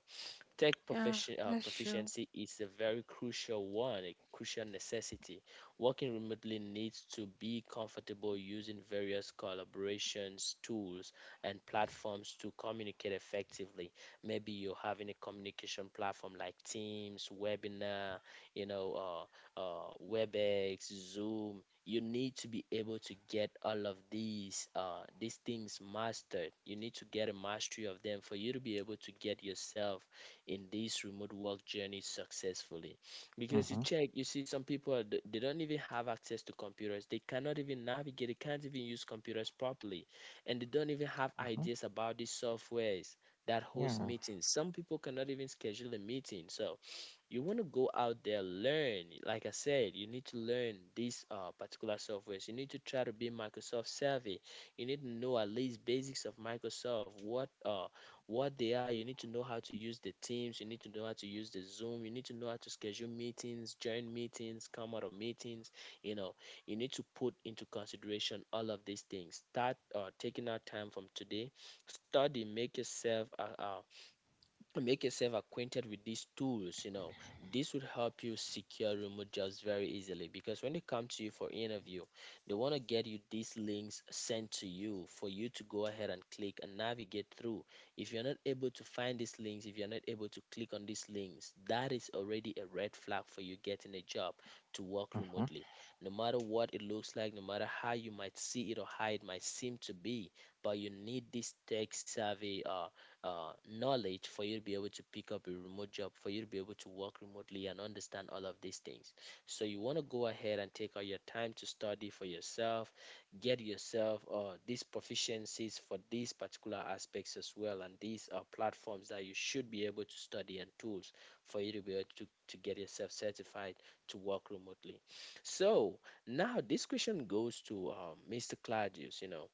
S1: Tech
S2: Yeah,
S1: profici- uh,
S2: that's true.
S1: proficiency is a very crucial one, a crucial necessity. Working remotely needs to be comfortable using various collaborations, tools, and platforms to communicate effectively. Maybe you're having a communication platform like Teams, webinar, you know, WebEx, Zoom. You need to be able to get all of these things mastered. You need to get a mastery of them for you to be able to get yourself in this remote work journey successfully. Because you
S3: mm-hmm,
S1: check, you see some people they don't even have access to computers, they cannot even navigate, they can't even use computers properly, and they don't even have
S3: mm-hmm,
S1: ideas about these softwares that host
S3: yeah,
S1: meetings. Some people cannot even schedule a meeting. So you want to go out there, learn. Like I said, you need to learn these particular softwares. You need to try to be Microsoft savvy. You need to know at least basics of Microsoft, what they are. You need to know how to use the Teams, you need to know how to use the Zoom, you need to know how to schedule meetings, join meetings, come out of meetings, you know. You need to put into consideration all of these things. Start taking out time from today, study, make yourself acquainted with these tools, you know. This would help you secure remote jobs very easily, because when they come to you for interview, they want to get you these links sent to you for you to go ahead and click and navigate through. If you're not able to find these links, if you're not able to click on these links, that is already a red flag for you getting a job to work
S3: mm-hmm,
S1: remotely. No matter what it looks like, no matter how you might see it or how it might seem to be, but you need this tech savvy knowledge for you to be able to pick up a remote job, for you to be able to work remotely and understand all of these things. So you want to go ahead and take all your time to study for yourself, get yourself these proficiencies for these particular aspects as well, and these are platforms that you should be able to study, and tools for you to be able to get yourself certified to work remotely. So now this question goes to Mr. Claudius, you know.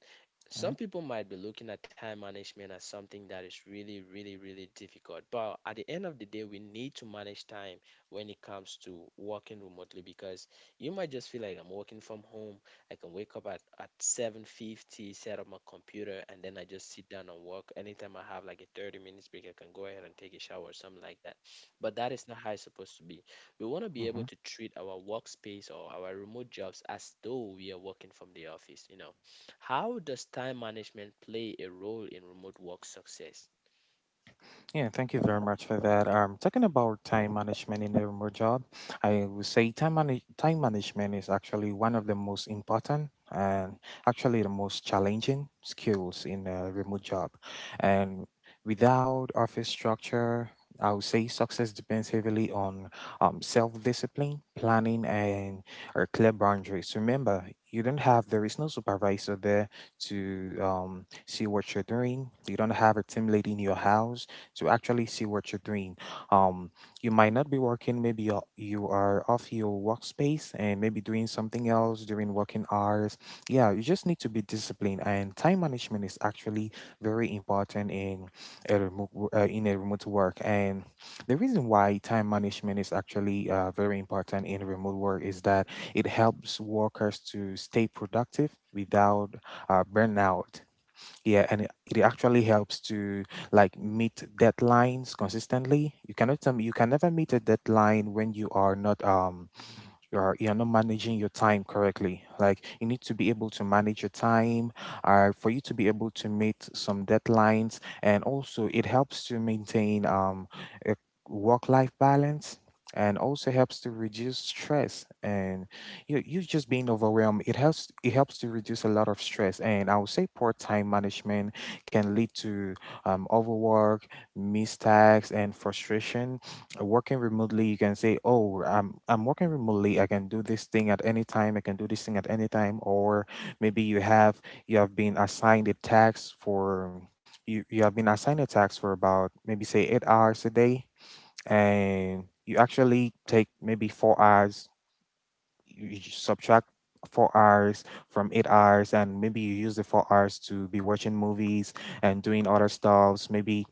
S1: Some people might be looking at time management as something that is really, really, really difficult. But at the end of the day, we need to manage time when it comes to working remotely, because you might just feel like I'm working from home. I can wake up at 7:50, set up my computer, and then I just sit down and work. Anytime I have like a 30 minutes break, I can go ahead and take a shower or something like that. But that is not how it's supposed to be. We want to be
S3: mm-hmm.
S1: able to treat our workspace or our remote jobs as though we are working from the office, you know. How does time management play a role in remote work success?
S3: Yeah, thank you very much for that. Talking about time management in a remote job, I would say time management is actually one of the most important and actually the most challenging skills in a remote job. And without office structure, I would say success depends heavily on, self-discipline, planning, and or clear boundaries. Remember, you don't have there is no supervisor there to, see what you're doing. You don't have a team lead in your house to actually see what you're doing. Um, you might not be working, maybe you are off your workspace and maybe doing something else during working hours. Yeah, you just need to be disciplined, and time management is actually very important in in a remote work. And the reason why time management is actually very important in remote work is that it helps workers to stay productive without burnout. Yeah, and it actually helps to, like, meet deadlines consistently. You cannot tell me you can never meet a deadline when you are not managing your time correctly. Like, you need to be able to manage your time, for you to be able to meet some deadlines, and also it helps to maintain, a work-life balance, and also helps to reduce stress. And you just being overwhelmed, it helps, to reduce a lot of stress. And I would say poor time management can lead to, overwork, mistakes, and frustration. Working remotely, you can say, "Oh, I'm working remotely. I can do this thing at any time. I can do this thing at any time." Or maybe you have been assigned a task for you you have been assigned a task for about maybe say 8 hours a day, and you actually take maybe 4 hours. You just subtract 4 hours from 8 hours, and maybe you use the 4 hours to be watching movies and doing other stuffs, maybe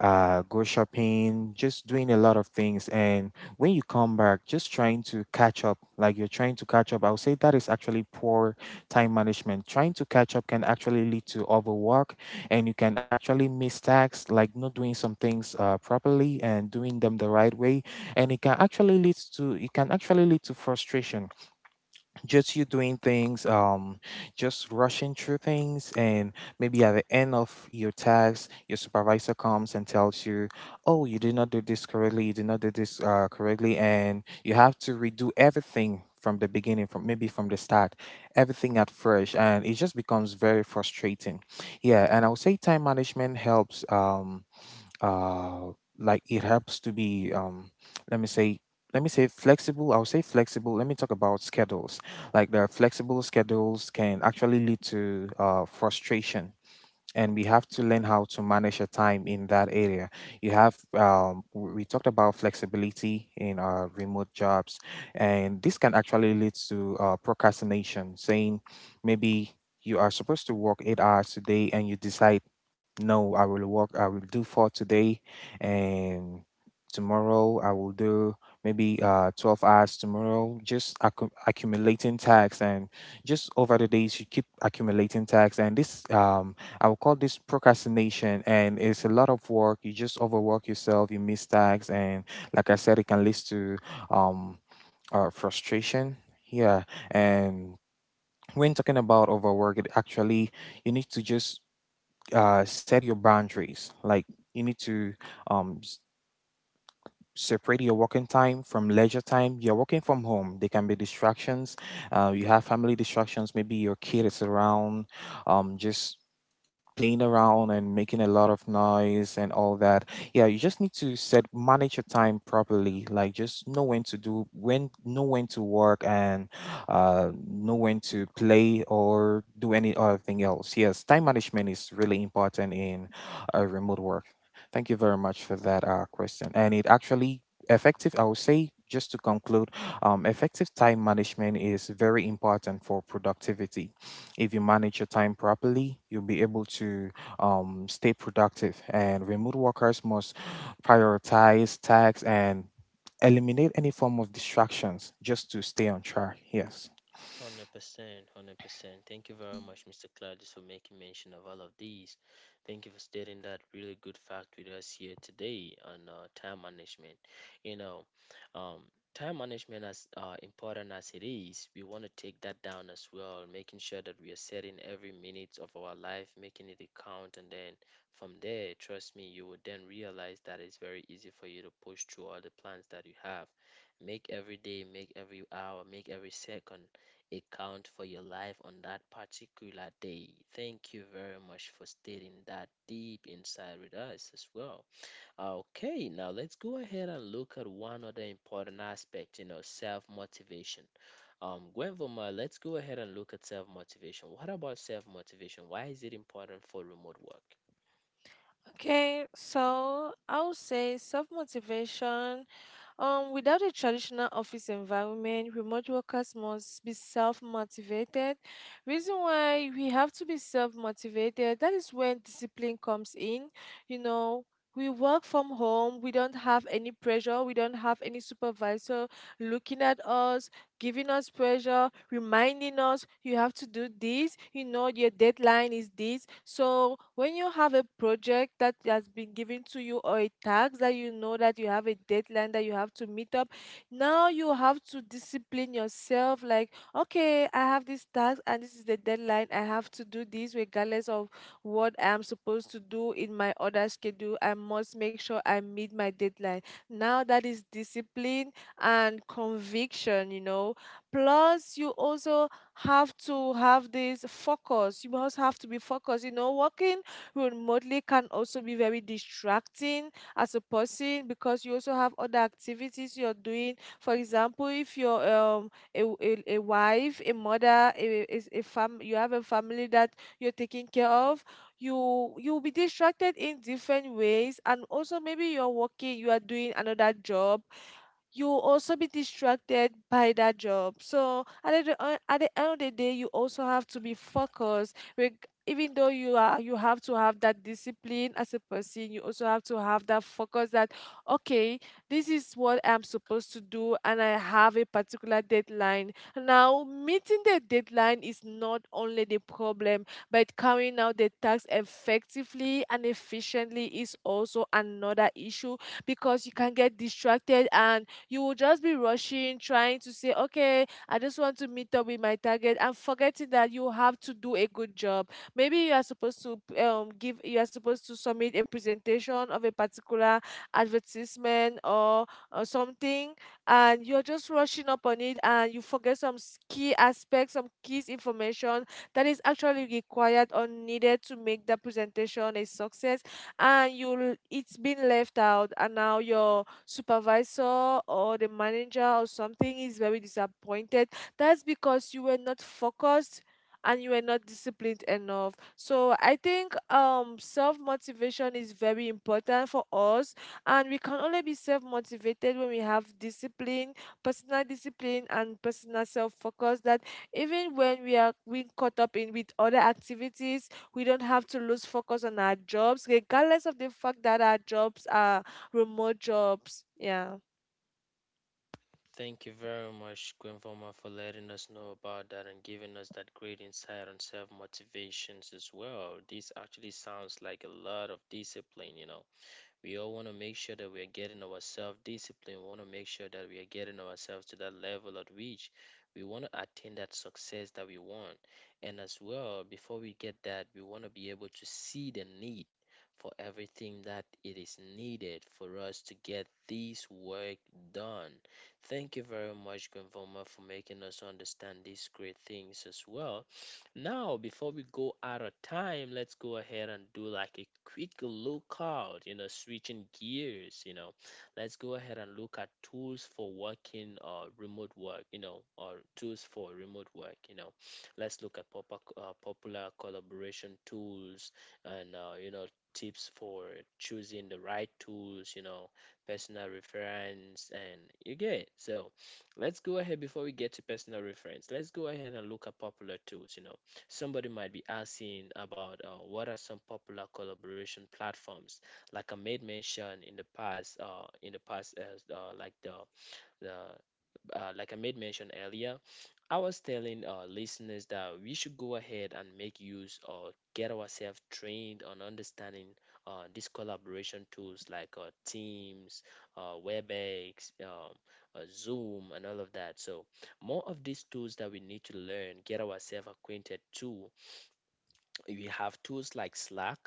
S3: go shopping, just doing a lot of things. And when you come back, just trying to catch up, like you're trying to catch up, I would say that is actually poor time management. Trying to catch up can actually lead to overwork, and you can actually miss tasks, like not doing some things properly and doing them the right way. And it can actually lead to, it can actually lead to frustration, just you doing things, just rushing through things. And maybe at the end of your task, your supervisor comes and tells you, oh, you did not do this correctly, you did not do this correctly, and you have to redo everything from the beginning, from maybe from the start, everything at first, and it just becomes very frustrating. Yeah, and I would say time management helps. Uh like it helps to be, let me say, flexible. I'll say flexible. Let me talk about schedules. Like the flexible schedules can actually lead to frustration, and we have to learn how to manage your time in that area. You have, we talked about flexibility in remote jobs, and this can actually lead to procrastination, saying maybe you are supposed to work 8 hours today and you decide, no, I will work, I will do four today, and tomorrow I will do maybe 12 hours tomorrow, just accumulating tax. And just over the days you keep accumulating tax, and this, I would call this procrastination, and it's a lot of work. You just overwork yourself, you miss tags, and like I said, it can lead to, um, frustration. Yeah, and when talking about overwork, it actually, you need to just set your boundaries. Like you need to, um, s- separate your working time from leisure time. You're working from home. There can be distractions. You have family distractions. Maybe your kid is around, just playing around and making a lot of noise and all that. Yeah, you just need to set, manage your time properly. Like just know when to do, when, know when to work and know when to play or do any other thing else. Yes, time management is really important in remote work. Thank you very much for that question. And it actually, effective, I would say, just to conclude, effective time management is very important for productivity. If you manage your time properly, you'll be able to stay productive. And remote workers must prioritize tasks and eliminate any form of distractions just to stay on track. Yes.
S1: 100%, 100%. Thank you very much, Mr. Gladys, for making mention of all of these. Thank you for stating that really good fact with us here today on time management. You know, um, time management, as important as it is, we want to take that down as well, making sure that we are setting every minute of our life, making it a count, and then from there, trust me, you will then realize that it's very easy for you to push through all the plans that you have. Make every day, make every hour, make every second account for your life on that particular day. Thank you very much for stating that deep inside with us as well. Okay, now let's go ahead and look at one other important aspect, you know, self-motivation. Gwenvoma, let's go ahead and look at self-motivation. What about self-motivation? Why is it important for remote work?
S2: Okay, so I would say self motivation. Without a traditional office environment, remote workers must be self-motivated. Reason why we have to be self-motivated, that is when discipline comes in. You know, we work from home, we don't have any pressure, we don't have any supervisor looking at us, giving us pressure, reminding us you have to do this, you know, your deadline is this. So when you have a project that has been given to you, or a task that you know that you have a deadline that you have to meet up, now you have to discipline yourself like, okay, I have this task and this is the deadline. I have to do this regardless of what I'm supposed to do in my other schedule. I must make sure I meet my deadline. Now that is discipline and conviction, you know. Plus, you also have to have this focus. You also have to be focused. You know, working remotely can also be very distracting as a person, because you also have other activities you're doing. For example, if you're a wife, a mother, you have a family that you're taking care of, you'll be distracted in different ways. And also, maybe you're working, you are doing another job, you'll also be distracted by that job. So at the end of the day, you also have to be focused. Even though you are, you have to have that discipline as a person. You also have to have that focus. That, okay, this is what I'm supposed to do, and I have a particular deadline. Now, meeting the deadline is not only the problem, but carrying out the task effectively and efficiently is also another issue, because you can get distracted and you will just be rushing, trying to say, okay, I just want to meet up with my target, and forgetting that you have to do a good job. Maybe you are supposed to give, you are supposed to submit a presentation of a particular advertisement, or something, and you're just rushing up on it, and you forget some key aspects, some key information that is actually required or needed to make the presentation a success, and it's been left out, and now you're supervisor or the manager or something is very disappointed. That's because you were not focused and you were not disciplined enough. So I think self motivation is very important for us, and we can only be self motivated when we have discipline, personal discipline and personal self focus, that even when we are being caught up in with other activities, we don't have to lose focus on our jobs, regardless of the fact that our jobs are remote jobs. Yeah.
S1: Thank you very much, Gwenfoma, for letting us know about that and giving us that great insight on self motivations as well. This actually sounds like a lot of discipline, you know, we all want to make sure that we are getting ourselves disciplined. We want to make sure that we are getting ourselves to that level at which we want to attain that success that we want. And as well, before we get that, we want to be able to see the need for everything that it is needed for us to get this work done. Thank you very much, Gonvoma, for making us understand these great things as well. Now, before we go out of time, let's go ahead and do like a quick look out, you know, switching gears, you know. Let's go ahead and look at tools for working or remote work, you know, or tools for remote work, you know. Let's look at popular collaboration tools and, you know, tips for choosing the right tools, you know, personal reference, and you get. So, let's go ahead before we get to personal reference. Let's go ahead and look at popular tools, you know. Somebody might be asking about what are some popular collaboration platforms. Like I made mention in the past, as like the like I made mention earlier. I was telling listeners that we should go ahead and make use or get ourselves trained on understanding these collaboration tools like Teams, WebEx, Zoom, and all of that. So more of these tools that we need to learn, get ourselves acquainted to, you have tools like Slack,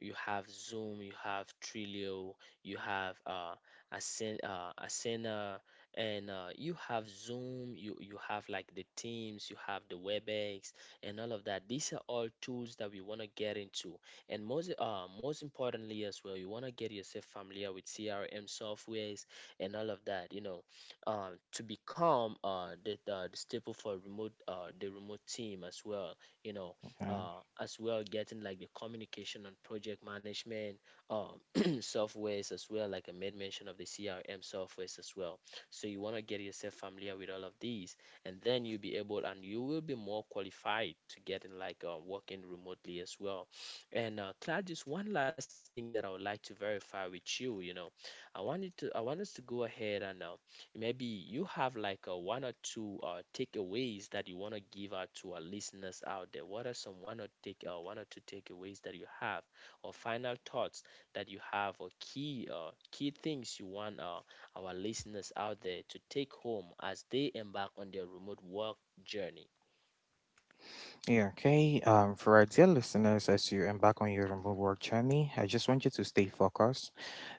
S1: you have Zoom, you have Trello, you have Asana, and you have Zoom, you have like the Teams, you have the WebEx, and all of that. These are all tools that we want to get into. And most importantly, as well, you want to get yourself familiar with CRM softwares and all of that, you know, to become the staple for the remote team as well, you know.
S3: Yeah.
S1: As well, getting like the communication and project management softwares as well, like I made mention of the CRM softwares as well. So you want to get yourself familiar with all of these, and then you'll be able, and you will be more qualified to get in like working remotely as well. And Cloud, just one last thing that I would like to verify with you, you know. I want us to go ahead and maybe you have like a one or two takeaways that you want to give out to our listeners out there. What are some one or two takeaways that you have, or final thoughts that you have, or key things you want our listeners out there to take home as they embark on their remote work journey?
S3: Yeah, okay. For our dear listeners, as you embark on your remote work journey, I just want you to stay focused.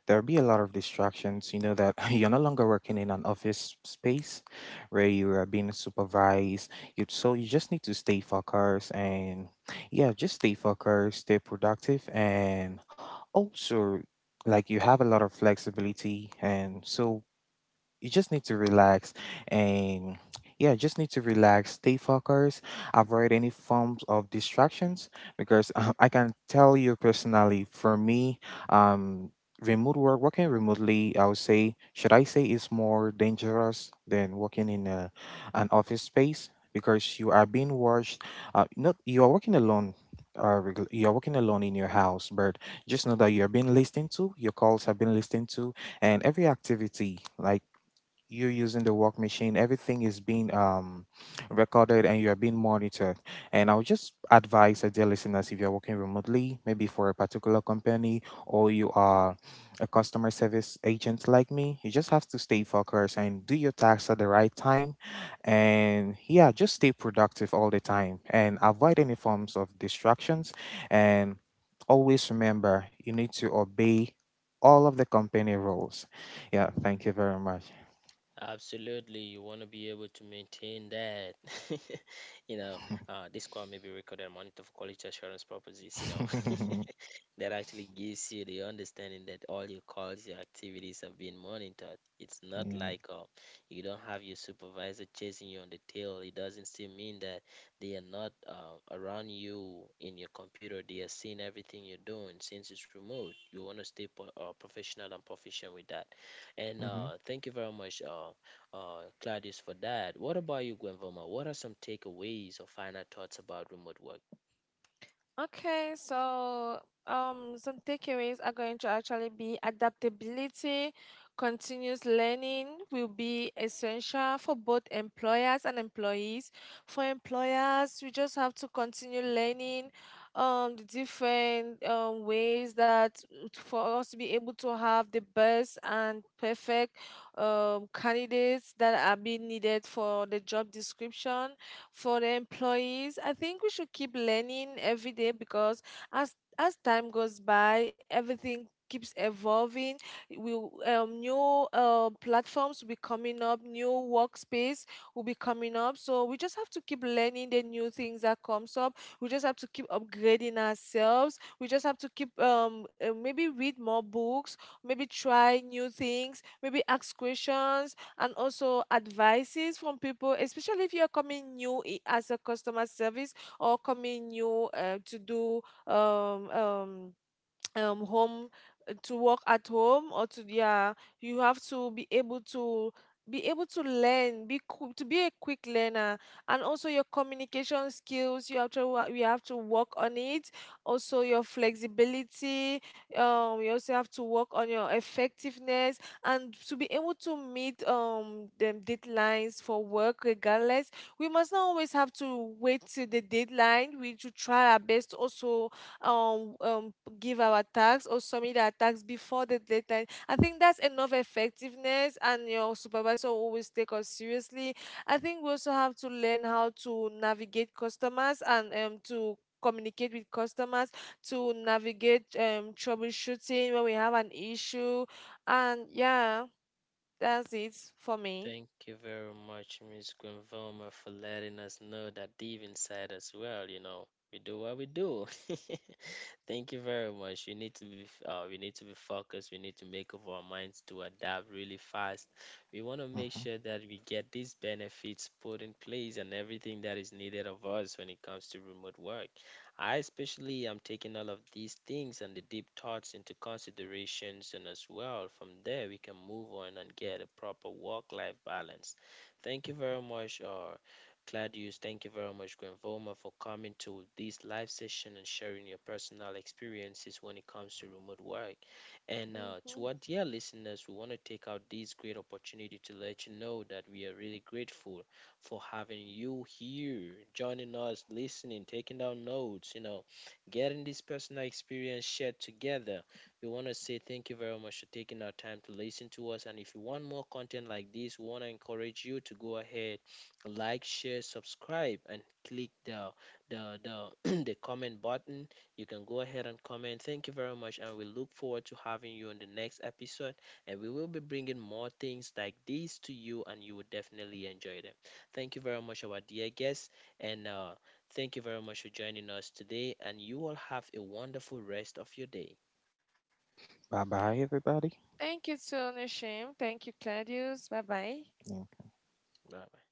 S3: There'll be a lot of distractions. You know that you're no longer working in an office space where you are being supervised. You so you just need to stay focused, and yeah, just stay focused, stay productive, and also, like, you have a lot of flexibility. And so you just need to relax, and yeah, just need to relax, stay focused, avoid any forms of distractions, because I can tell you personally, for me, um, remote work, working remotely, I would say, should I say, is more dangerous than working in a, an office space because you are being watched. Not you are working alone. You are working alone in your house, but just know that you are being listened to. Your calls have been listened to, and every activity, like you're using the work machine, everything is being recorded, and you are being monitored. And I'll just advise the dear listeners, if you're working remotely maybe for a particular company, or you are a customer service agent like me, you just have to stay focused and do your tasks at the right time. And yeah, just stay productive all the time and avoid any forms of distractions. And always remember, you need to obey all of the company rules. Yeah, thank you very much.
S1: Absolutely, you want to be able to maintain that. You know, this call may be recorded and monitored for quality assurance purposes. You know, that actually gives you the understanding that all your calls, your activities are being monitored. It's not
S3: Yeah.
S1: like you don't have your supervisor chasing you on the tail. It doesn't still mean that they are not around you in your computer. They are seeing everything you're doing, since it's remote. You want to stay professional and proficient with that. And
S3: Mm-hmm.
S1: thank you very much, Claudius, for that. What about you, Gwenvoma? What are some takeaways or final thoughts about remote work?
S2: Okay, so some takeaways are going to actually be adaptability. Continuous learning will be essential for both employers and employees. For employers, we just have to continue learning the different ways that for us to be able to have the best and perfect candidates that are being needed for the job description. For the employees, I think we should keep learning every day, because as time goes by, everything keeps evolving. We new platforms will be coming up, new workspace will be coming up. So we just have to keep learning the new things that comes up. We just have to keep upgrading ourselves. We just have to keep maybe read more books, maybe try new things, maybe ask questions and also advices from people, especially if you're coming new as a customer service, or coming new to do um, um, home, to work at home, or to, yeah, you have to be able to, to be a quick learner. And also your communication skills, you have to you have to work on it. Also your flexibility. You also have to work on your effectiveness, and to be able to meet them deadlines for work regardless. We must not always have to wait till the deadline. We should try our best also um um give our tax or submit our tax before the deadline. I think that's enough effectiveness, and your supervisor will always take us seriously. I think we also have to learn how to navigate customers and to communicate with customers, to navigate troubleshooting when we have an issue. And yeah, that's it for me.
S1: Thank you very much, Miss Granvoma, for letting us know that deep inside us, well, you know, we do what we do. Thank you very much. We need to we need to be focused. We need to make up our minds to adapt really fast. We want to make
S3: Mm-hmm.
S1: sure that we get these benefits put in place and everything that is needed of us when it comes to remote work. I especially am taking all of these things and the deep thoughts into considerations, and as well, from there we can move on and get a proper work-life balance. Thank you very much, Claudius. Thank you very much, Granvoma, for coming to this live session and sharing your personal experiences when it comes to remote work. And to
S2: Hmm.
S1: our dear listeners, we want to take out this great opportunity to let you know that we are really grateful for having you here, joining us, listening, taking down notes, you know, getting this personal experience shared together. We want to say thank you very much for taking our time to listen to us. And if you want more content like this, we want to encourage you to go ahead, like, share, subscribe, and click the the comment button. You can go ahead and comment. Thank you very much, and we look forward to having you on the next episode. And we will be bringing more things like these to you, and you will definitely enjoy them. Thank you very much, our dear guests, and thank you very much for joining us today. And you all have a wonderful rest of your day.
S3: Bye bye, everybody.
S2: Thank you to Nishim, thank you Claudius, bye bye.
S1: Bye.